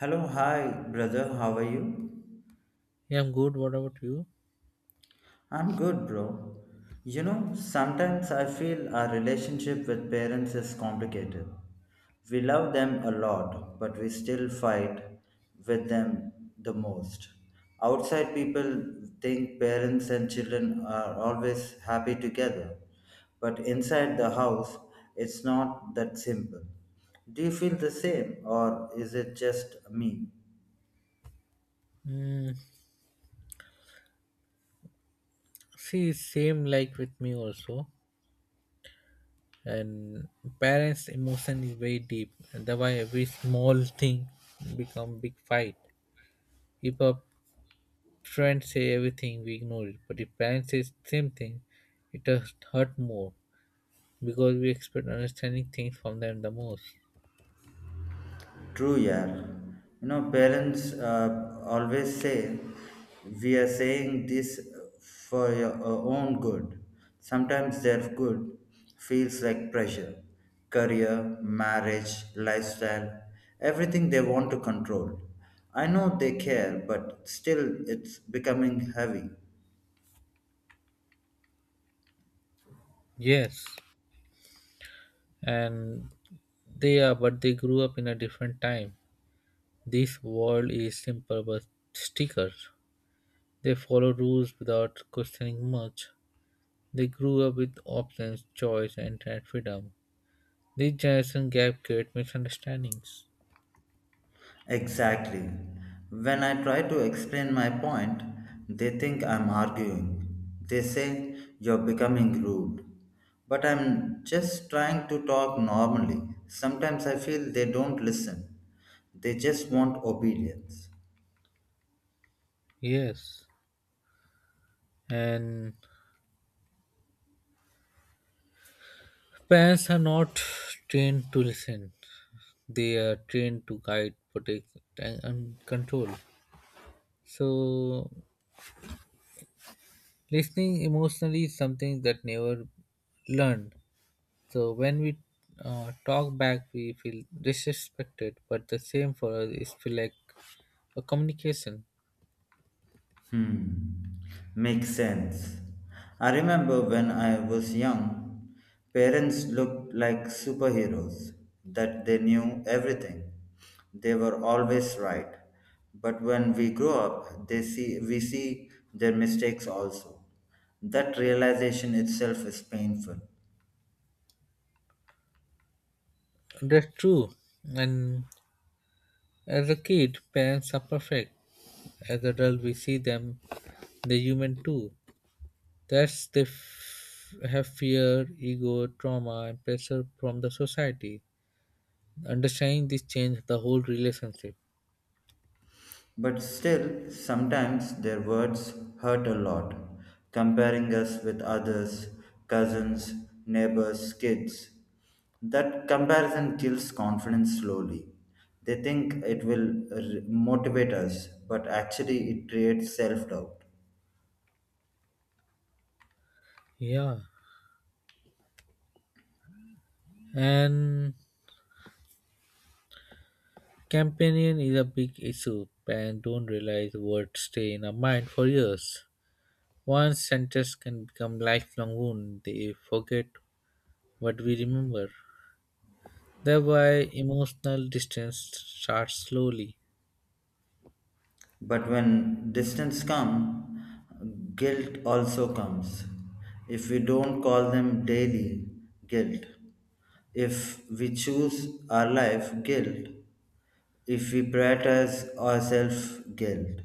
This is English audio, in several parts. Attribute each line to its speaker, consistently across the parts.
Speaker 1: Hello, hi, brother. How are you?
Speaker 2: Yeah, I'm good. What about you?
Speaker 1: I'm good, bro. You know, sometimes I feel our relationship with parents is complicated. We love them a lot, but we still fight with them the most. Outside people think parents and children are always happy together, but inside the house, it's not that simple. Do you feel the same, or is it just me?
Speaker 2: Mm, See, same like with me also. And parents' emotion is very deep. And that's why every small thing become big fight. If a friend say everything, we ignore it. But if parents say same thing, it does hurt more because we expect understanding things from them the most.
Speaker 1: True, yeah. You know, parents always say, we are saying this for your own good. Sometimes their good feels like pressure. Career, marriage, lifestyle, everything they want to control. I know they care, but still it's becoming heavy.
Speaker 2: Yes, and they are, but they grew up in a different time. This world is simple but stickers. They followed rules without questioning much. They grew up with options, choice, and internet freedom. This generation gap creates misunderstandings.
Speaker 1: Exactly. When I try to explain my point, they think I'm arguing. They say you're becoming rude. But I'm just trying to talk normally. Sometimes I feel they don't listen, they just want obedience.
Speaker 2: Yes, and parents are not trained to listen. They are trained to guide, protect, and control. So, listening emotionally is something that never learned. So, when we talk back, we feel disrespected, but the same for us is feel like a communication.
Speaker 1: Hmm, makes sense. I remember when I was young, parents looked like superheroes, that they knew everything. They were always right. But when we grow up, they see we see their mistakes also. That realization itself is painful.
Speaker 2: That's true. And as a kid, parents are perfect. As adults, we see them, they're human too. That's they have fear, ego, trauma, and pressure from the society. Understanding this changes the whole relationship.
Speaker 1: But still, sometimes their words hurt a lot, comparing us with others, cousins, neighbors, kids. That comparison kills confidence slowly. They think it will motivate us, but actually it creates self doubt.
Speaker 2: Yeah. And companion is a big issue. Parents don't realize words stay in our mind for years. One sentence can become lifelong wound. They forget what we remember. Thereby, emotional distance starts slowly.
Speaker 1: But when distance come, guilt also comes. If we don't call them daily guilt, if we choose our life guilt, if we prioritize ourselves guilt.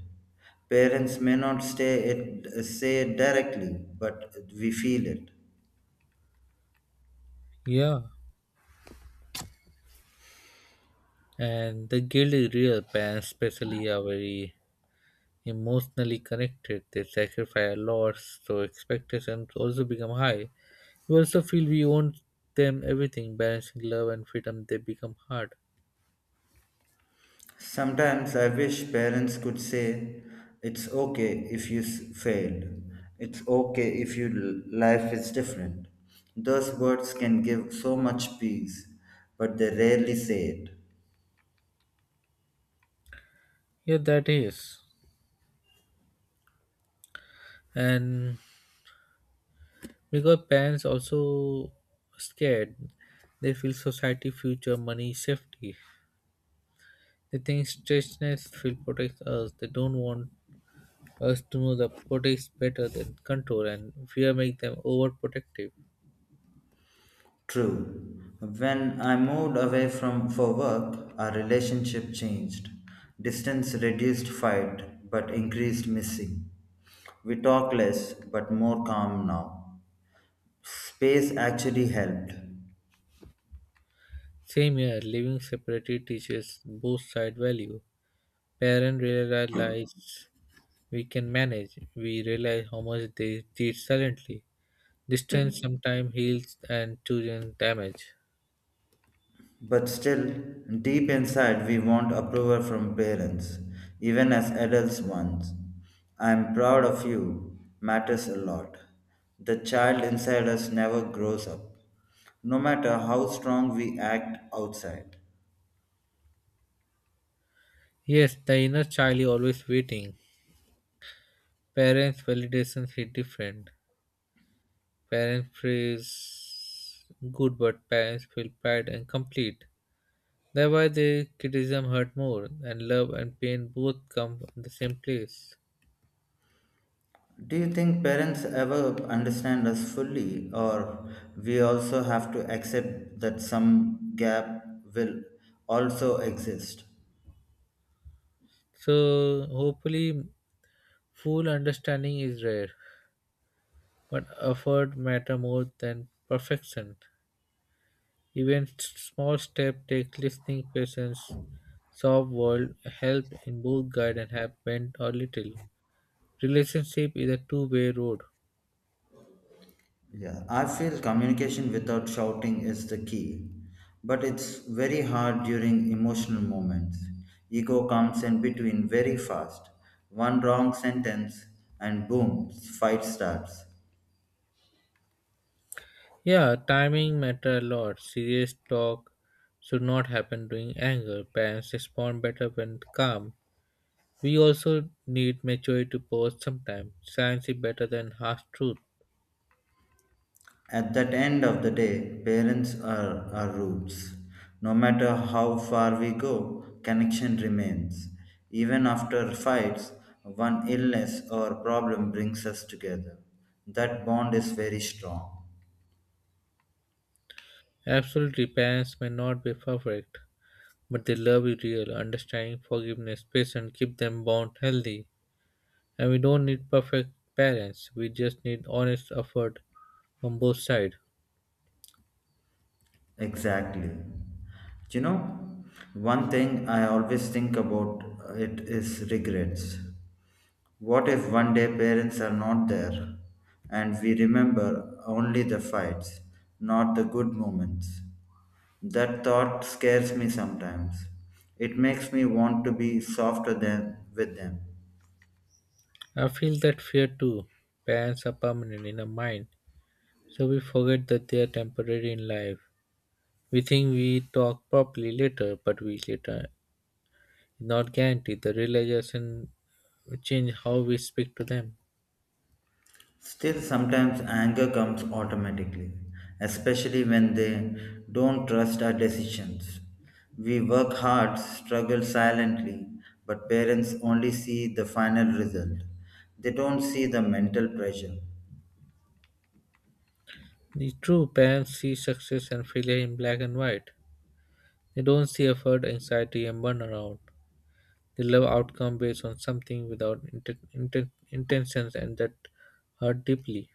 Speaker 1: Parents may not say it directly, but we feel it.
Speaker 2: Yeah, and the guilt is real. Parents, especially, are very emotionally connected. They sacrifice a lot, so expectations also become high. We also feel we own them everything. Balancing love and freedom, they become hard.
Speaker 1: Sometimes I wish parents could say, it's okay if you failed. It's okay if your life is different. Those words can give so much peace, but they rarely say it.
Speaker 2: Yeah, that is. And because parents also scared, they feel society, future, money, safety. They think strangeness will protect us. They don't want us to know the protects better than control, and fear make them overprotective.
Speaker 1: True. When I moved away from for work, our relationship changed. Distance reduced fight, but increased missing. We talk less, but more calm now. Space actually helped.
Speaker 2: Same here, living separately teaches both side value. Parents realize we can manage. We realize how much they teach silently. Distance sometimes heals and children damage.
Speaker 1: But still, deep inside, we want approval from parents, even as adults once. I am proud of you matters a lot. The child inside us never grows up, no matter how strong we act outside.
Speaker 2: Yes, the inner child is always waiting. Parents' validations is different. Parents praise good, but parents feel pride and complete. Thereby the criticism hurt more and love and pain both come from the same place.
Speaker 1: Do you think parents ever understand us fully, or we also have to accept that some gap will also exist?
Speaker 2: So hopefully full understanding is rare, but effort matter more than perfection. Even small steps take listening patience, soft world help in both guide and have bent or little. Relationship is a two-way road.
Speaker 1: Yeah, I feel communication without shouting is the key, but it's very hard during emotional moments. Ego comes in between very fast. One wrong sentence, and boom, fight starts.
Speaker 2: Yeah, timing matter a lot. Serious talk should not happen during anger. Parents respond better when calm. We also need maturity to pause sometimes. Science is better than half truth.
Speaker 1: At that end of the day, parents are our roots. No matter how far we go, connection remains. Even after fights, one illness or problem brings us together. That bond is very strong.
Speaker 2: Absolutely, parents may not be perfect, but they love you real, understanding, forgiveness, patience, keep them bond healthy. And we don't need perfect parents, we just need honest effort from both sides.
Speaker 1: Exactly. You know, one thing I always think about it is regrets. What if one day parents are not there and we remember only the fights, not the good moments? That thought scares me sometimes. It makes me want to be softer than with them.
Speaker 2: I feel that fear too. Parents are permanent in our mind, so we forget that they are temporary in life. We think we talk properly later, but we later not guaranteed. The realization change how we speak to them.
Speaker 1: Still, sometimes anger comes automatically, especially when they don't trust our decisions. We work hard, struggle silently, but parents only see the final result. They don't see the mental pressure.
Speaker 2: The true parents see success and failure in black and white. They don't see effort, anxiety, and burnout. They love outcome based on something without intentions, and that hurt deeply.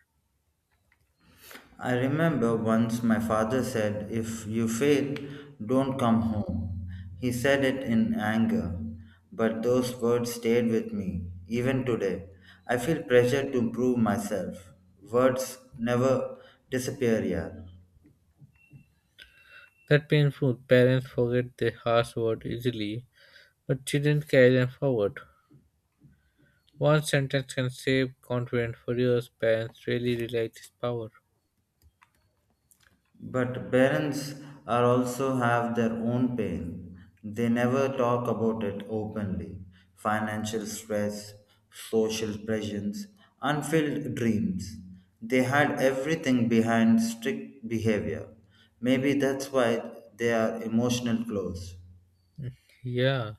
Speaker 1: I remember once my father said, if you fail, don't come home. He said it in anger, but those words stayed with me. Even today, I feel pressure to prove myself. Words never disappear, yeah.
Speaker 2: That painful. Parents forget the harsh word easily, but children carry them forward. One sentence can save confidence for years. Parents really realize this power.
Speaker 1: But parents are also have their own pain. They never talk about it openly. Financial stress, social pressures, unfulfilled dreams. They hide everything behind strict behavior. Maybe that's why they are emotional close.
Speaker 2: Yeah,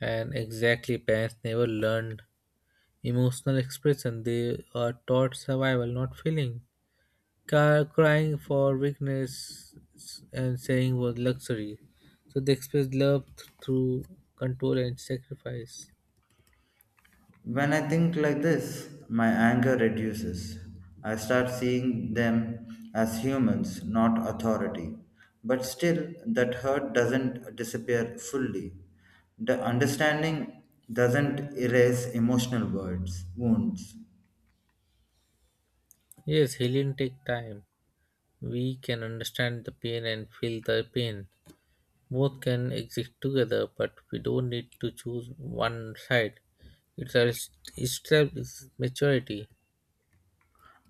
Speaker 2: and exactly, parents never learned emotional expression. They are taught survival, not feeling. Crying for weakness and saying was luxury. So they express love through control and sacrifice.
Speaker 1: When I think like this, my anger reduces. I start seeing them as humans, not authority. But still, that hurt doesn't disappear fully. The understanding doesn't erase emotional words, wounds.
Speaker 2: Yes, healing take time. We can understand the pain and feel the pain. Both can exist together, but we don't need to choose one side. It's a it's step is maturity.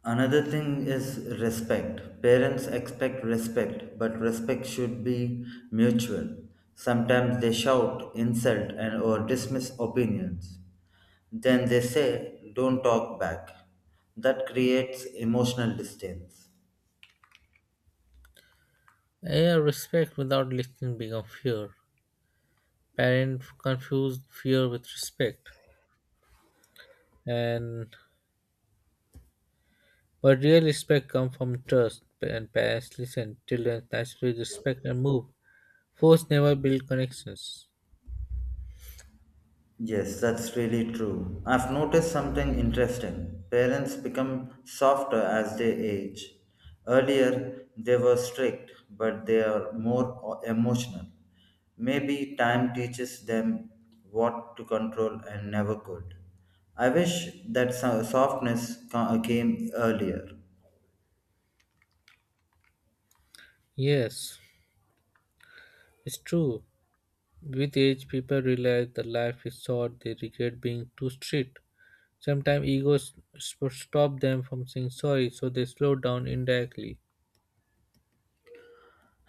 Speaker 1: Another thing is respect. Parents expect respect, but respect should be mutual. Sometimes they shout, insult, and or dismiss opinions. Then they say, don't talk back. That creates emotional distance.
Speaker 2: Air respect without listening become fear. Parents confuse fear with respect, and but real respect comes from trust. And parents listen, children naturally respect and move. Force never build connections.
Speaker 1: Yes, that's really true. I've noticed something interesting. Parents become softer as they age. Earlier, they were strict, but they are more emotional. Maybe time teaches them what to control and never could. I wish that softness came earlier.
Speaker 2: Yes, it's true. With age, people realize that life is short. They regret being too strict. Sometimes egos stop them from saying sorry, so they slow down indirectly.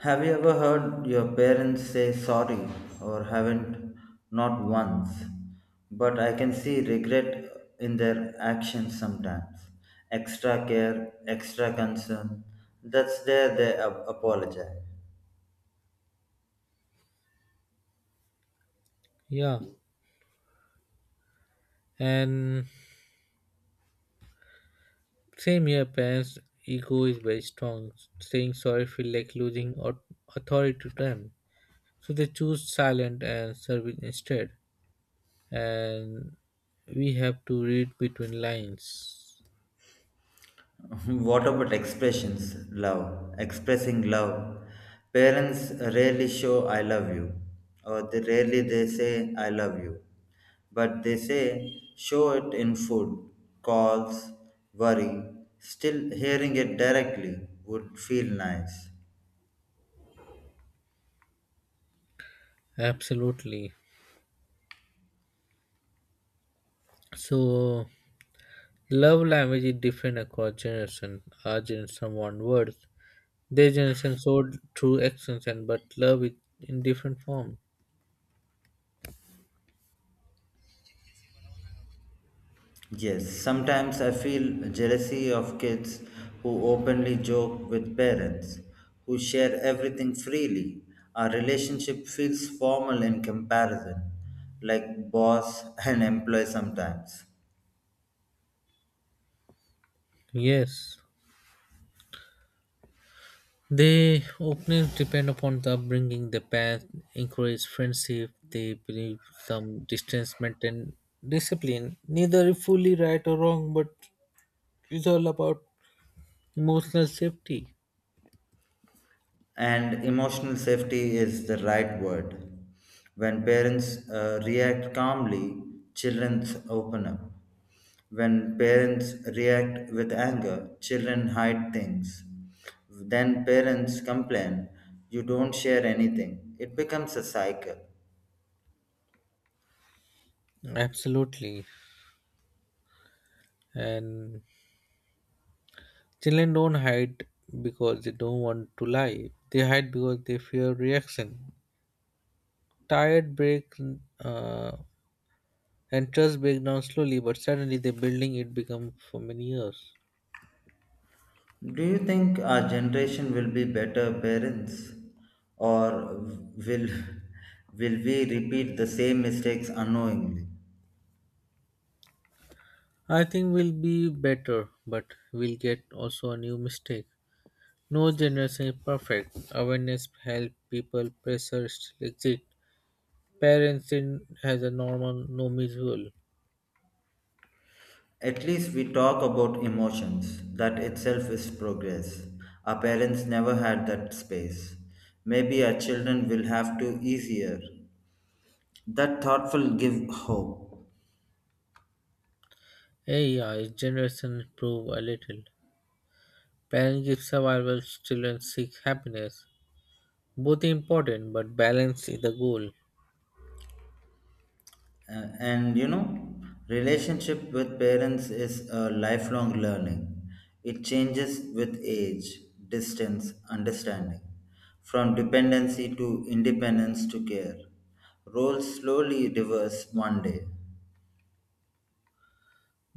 Speaker 1: Have you ever heard your parents say sorry or haven't? Not once. But I can see regret in their actions sometimes. Extra care, extra concern. That's there they apologize.
Speaker 2: Yeah, and same here, parents' ego is very strong. Saying sorry feel like losing authority to them. So they choose silent and service instead. And we have to read between lines.
Speaker 1: What about expressions? Love. Expressing love. Parents rarely show I love you. Or they say I love you. But they say show it in food, calls, worry. Still hearing it directly would feel nice.
Speaker 2: Absolutely. So love language is different across generation. Our generation want words. Their generation showed through actions and but love is in different form.
Speaker 1: Yes, sometimes I feel jealousy of kids who openly joke with parents, who share everything freely. Our relationship feels formal in comparison, like boss and employee sometimes.
Speaker 2: Yes. They openly depend upon the upbringing, the parents encourage friendship, they believe some distance, maintain discipline. Neither is fully right or wrong, but it's all about emotional safety.
Speaker 1: And emotional safety is the right word. When parents react calmly, children open up. When parents react with anger, children hide things. Then parents complain, you don't share anything. It becomes a cycle.
Speaker 2: Absolutely. And children don't hide because they don't want to lie. They hide because they fear reaction. Tired break, uh, and trust break down slowly, but suddenly the building it become for many years.
Speaker 1: Do you think our generation will be better parents or will will we repeat the same mistakes unknowingly?
Speaker 2: I think we'll be better, but we'll get also a new mistake. No generation is perfect. Awareness help people pressure still exist. Parents in has a normal no visual.
Speaker 1: At least we talk about emotions. That itself is progress. Our parents never had that space. Maybe our children will have to easier. That thought will give hope.
Speaker 2: AI generation improve a little. Parents give survival, children seek happiness. Both important, but balance is the goal.
Speaker 1: And you know, relationship with parents is a lifelong learning. It changes with age, distance, understanding. From dependency to independence to care. Roles slowly reverse one day.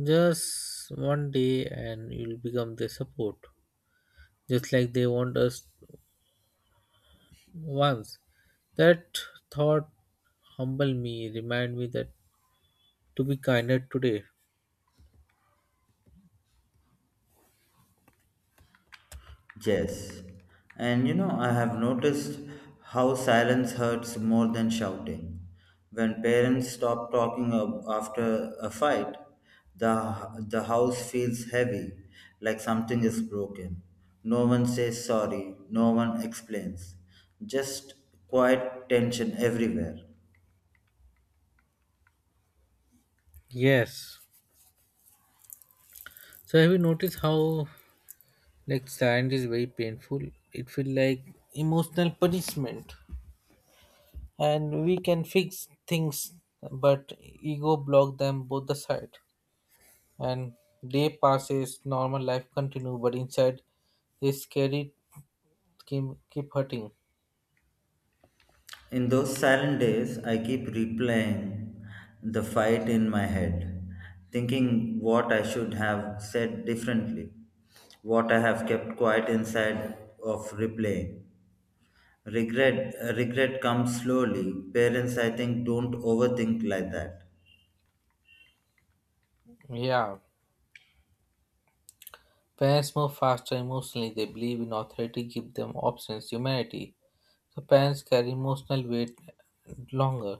Speaker 2: Just one day and you'll become their support. Just like they want us once. That thought humbled me, remind me that to be kinder today.
Speaker 1: Yes. And you know, I have noticed how silence hurts more than shouting. When parents stop talking after a fight, the house feels heavy, like something is broken. No one says sorry, no one explains. Just quiet tension everywhere.
Speaker 2: Yes. So have you noticed how like silence is very painful? It feels like emotional punishment. And we can fix things but ego block them both the side. And day passes, normal life continue, but inside this scary keep, keep hurting.
Speaker 1: In those silent days, I keep replaying the fight in my head, thinking what I should have said differently, what I have kept quiet inside of replaying. Regret comes slowly. Parents, I think, don't overthink like that.
Speaker 2: Yeah. Parents move faster emotionally, they believe in authority, give them options, humanity. So parents carry emotional weight longer.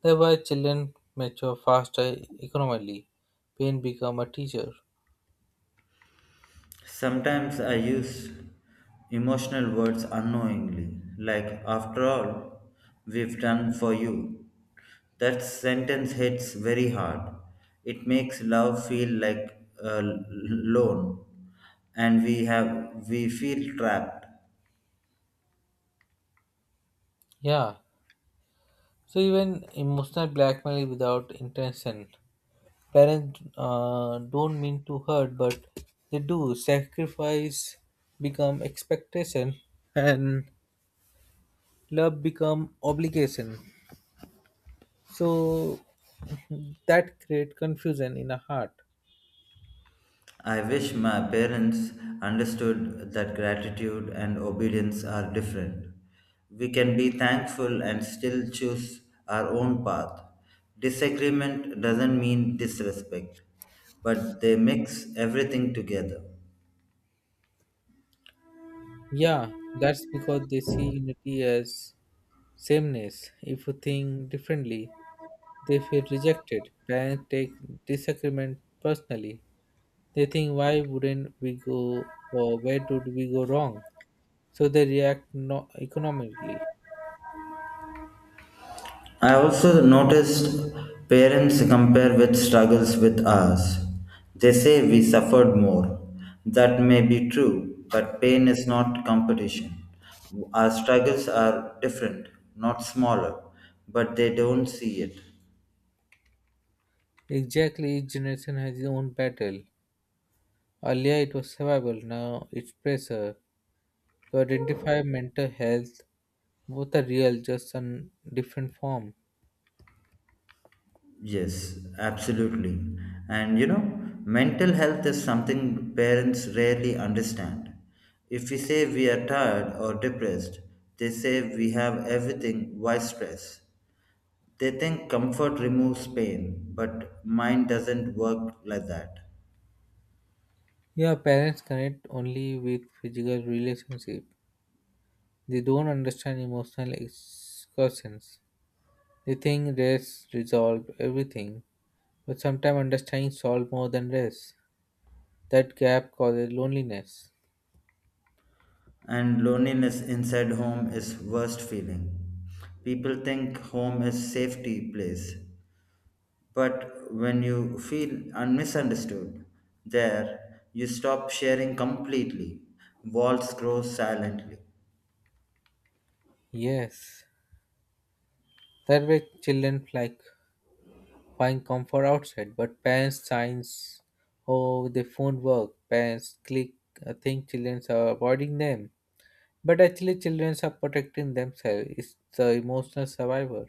Speaker 2: Thereby children mature faster economically. Pain become a teacher.
Speaker 1: Sometimes I use emotional words unknowingly, like, after all, we've done for you. That sentence hits very hard. It makes love feel like a loan, and we feel trapped.
Speaker 2: Yeah. So even emotional blackmail without intention. Parents don't mean to hurt, but they do. Sacrifice become expectation, and love become obligation. So that create confusion in a heart.
Speaker 1: I wish my parents understood that gratitude and obedience are different. We can be thankful and still choose our own path. Disagreement doesn't mean disrespect, but they mix everything together.
Speaker 2: Yeah, that's because they see unity as sameness. If you think differently, they feel rejected. Parents take disagreement personally. They think, why wouldn't we go or where did we go wrong? So they react economically.
Speaker 1: I also noticed parents compare with struggles with ours. They say we suffered more. That may be true, but pain is not competition. Our struggles are different, not smaller, but they don't see it.
Speaker 2: Exactly, each generation has its own battle. Earlier it was survival, now it's pressure. To identify mental health. Both are real, just in different form.
Speaker 1: Yes, absolutely. And you know, mental health is something parents rarely understand. If we say we are tired or depressed, they say we have everything, why stress? They think comfort removes pain, but mine doesn't work like that.
Speaker 2: Yeah, parents connect only with physical relationship. They don't understand emotional excursions. They think race resolve everything, but sometimes understanding solve more than race. That gap causes loneliness.
Speaker 1: And loneliness inside home is worst feeling. People think home is safety place, but when you feel misunderstood there, you stop sharing completely. Walls grow silently.
Speaker 2: Yes, that way children like find comfort outside, but parents signs oh the phone work. Parents click. I think children are avoiding them. But actually, children are protecting themselves. It's the emotional survivor.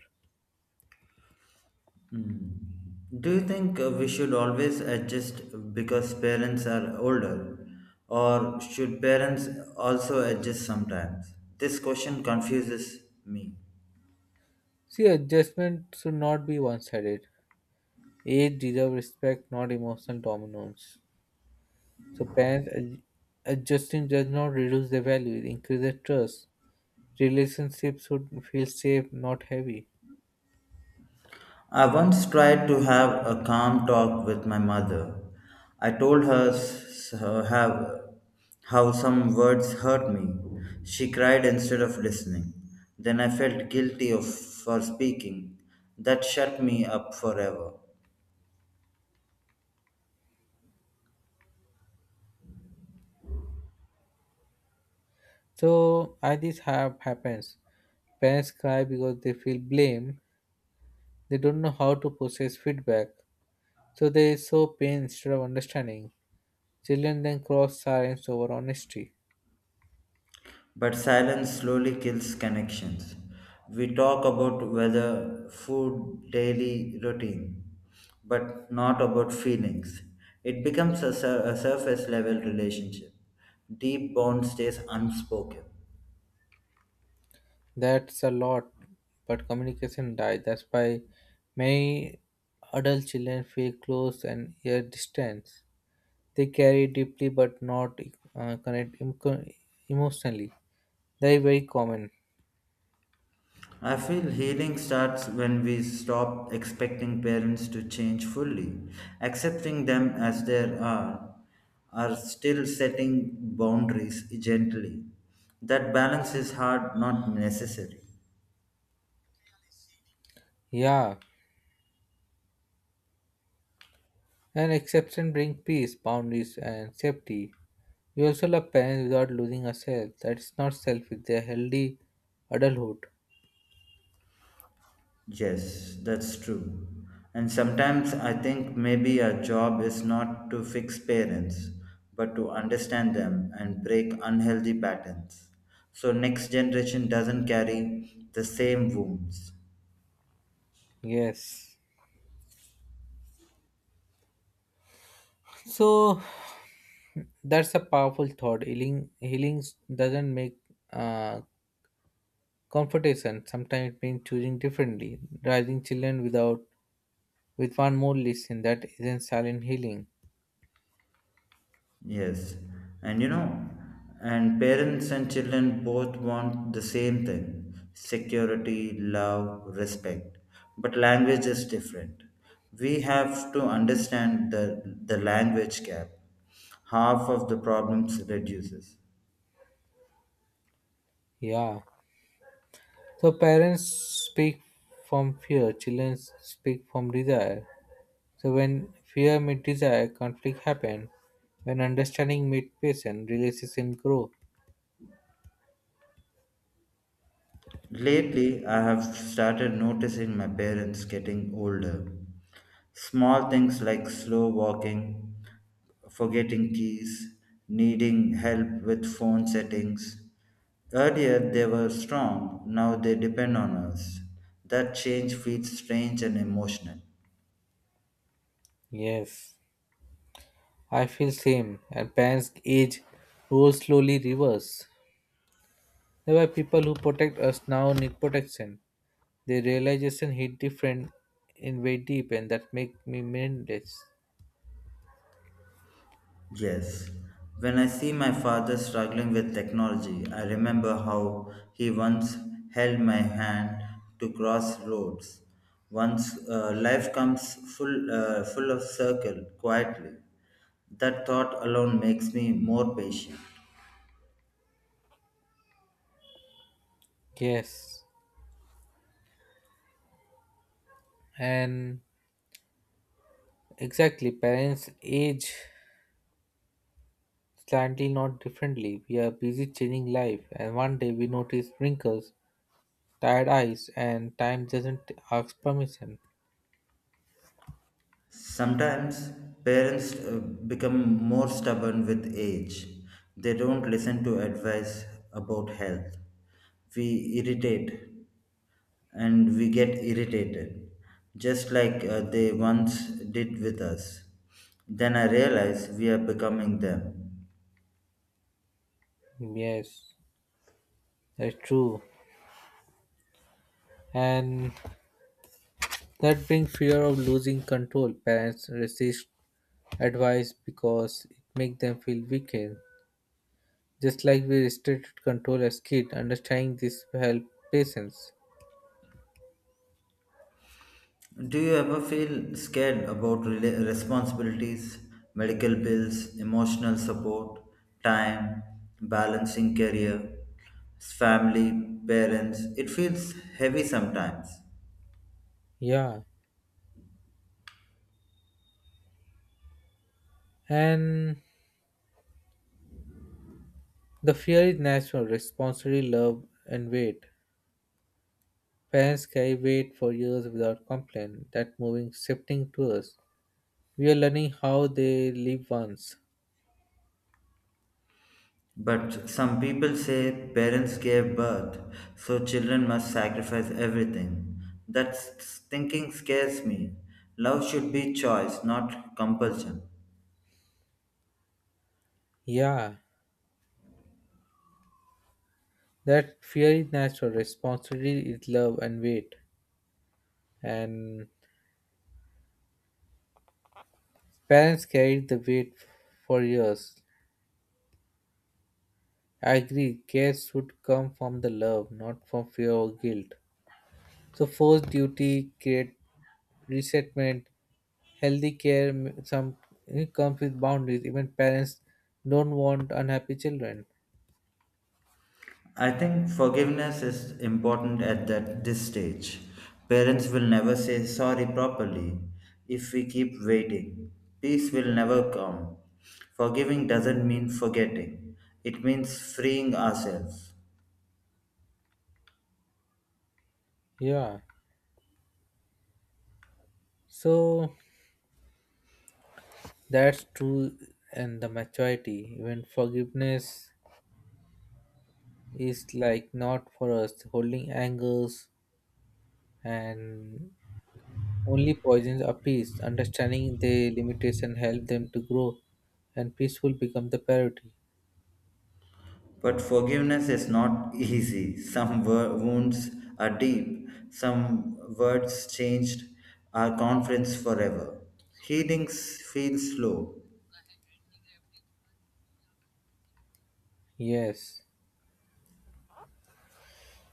Speaker 1: Do you think we should always adjust because parents are older, or should parents also adjust sometimes? This question confuses me.
Speaker 2: See, adjustment should not be one sided. Age deserves respect, not emotional dominance. So, parents adjusting does not reduce their value, it increases trust. Relationships should feel safe, not heavy.
Speaker 1: I once tried to have a calm talk with my mother. I told her how some words hurt me. She cried instead of listening. Then I felt for speaking. That shut me up forever.
Speaker 2: So, I this have happens. Parents cry because they feel blame. They don't know how to process feedback. So, they show pain instead of understanding. Children then cross silence over honesty.
Speaker 1: But silence slowly kills connections. We talk about weather, food, daily routine, but not about feelings. It becomes a surface level relationship. Deep bond stays unspoken.
Speaker 2: That's a lot, but communication died. That's why many adult children feel close and yet distant. They carry deeply but not, connect emotionally. They are very common.
Speaker 1: I feel healing starts when we stop expecting parents to change fully. Accepting them as they are still setting boundaries gently. That balance is hard, not necessary.
Speaker 2: Yeah, and exception bring peace, boundaries, and safety. We also love parents without losing ourselves. That's not selfish. They're healthy adulthood.
Speaker 1: Yes, that's true. And sometimes I think maybe our job is not to fix parents, but to understand them and break unhealthy patterns. So next generation doesn't carry the same wounds.
Speaker 2: Yes. So that's a powerful thought. Healing doesn't make, uh, confrontation. Sometimes it means choosing differently, raising children without with one more lesson that isn't silent healing.
Speaker 1: Yes, and you know, and parents and children both want the same thing security, love, respect. But language is different. We have to understand the language gap. Half of the problems reduces.
Speaker 2: Yeah. So parents speak from fear, children speak from desire. So when fear meets desire, conflict happen. When understanding meets patience, relationship grow.
Speaker 1: Lately, I have started noticing my parents getting older. Small things like slow walking, forgetting keys, needing help with phone settings. Earlier, they were strong, now they depend on us. That change feels strange and emotional.
Speaker 2: Yes. I feel same. And parents age roll slowly reverse. There were people who protect us now need protection. The realization hit different in way deep and that make me mindless.
Speaker 1: Yes. When I see my father struggling with technology, I remember how he once held my hand to cross roads. Once full of circle quietly, that thought alone makes me more patient.
Speaker 2: Yes. And exactly parents age slightly not differently. We are busy changing life and one day we notice wrinkles, tired eyes and time doesn't ask permission.
Speaker 1: Sometimes parents become more stubborn with age. They don't listen to advice about health. We irritate and we get irritated, just like they once did with us. Then I realize we are becoming them.
Speaker 2: Yes, that's true. And that brings fear of losing control. Parents resist advice because it makes them feel weakened. Just like we restricted control as kids, understanding this will help patience.
Speaker 1: Do you ever feel scared about responsibilities, medical bills, emotional support, time, balancing career, family, parents? It feels heavy sometimes.
Speaker 2: Yeah, and the fear is natural, responsibility, love, and weight. Parents carry weight for years without complaint. That moving, shifting to us. We are learning how they live once.
Speaker 1: But some people say parents gave birth, so children must sacrifice everything. That thinking scares me. Love should be choice, not compulsion.
Speaker 2: Yeah, that fear is natural, responsibility is love and weight. And parents carried the weight for years. I agree, care should come from the love, not from fear or guilt. So forced duty create resentment. Healthy care some it comes with boundaries. Even parents don't want unhappy children.
Speaker 1: I think forgiveness is important at that this stage. Parents will never say sorry properly if we keep waiting. Peace will never come. Forgiving doesn't mean forgetting. It means freeing ourselves.
Speaker 2: Yeah. So that's true, and the maturity. Even forgiveness is like not for us. Holding angers and only poisons a peace. Understanding the limitation help them to grow, and peaceful become the priority.
Speaker 1: But forgiveness is not easy. Some wounds are deep. Some words changed our confidence forever. Healings feel slow.
Speaker 2: Yes.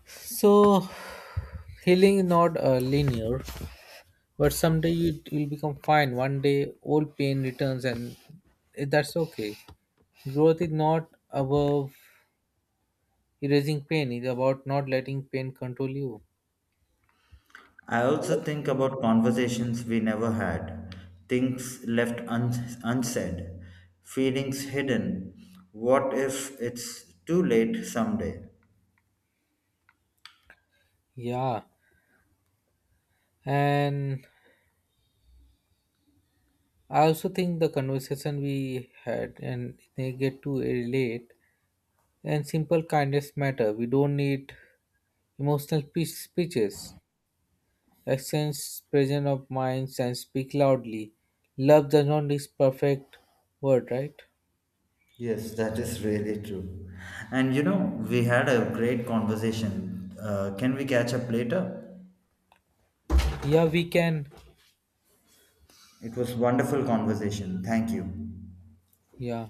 Speaker 2: So healing is not, linear. But someday it will become fine. One day, old pain returns, and that's okay. Growth is not above erasing pain, it's about not letting pain control you.
Speaker 1: I also think about conversations we never had, things left unsaid, feelings hidden. What if it's too late someday?
Speaker 2: Yeah, and I also think the conversation we had and they get to relate and simple kindness matter. We don't need emotional speeches. Accents, presence of minds, and speak loudly. Love does not need perfect word, right?
Speaker 1: Yes, that is really true. And you know, we had a great conversation. Can we catch up later?
Speaker 2: Yeah, we can.
Speaker 1: It was wonderful conversation. Thank you.
Speaker 2: Yeah.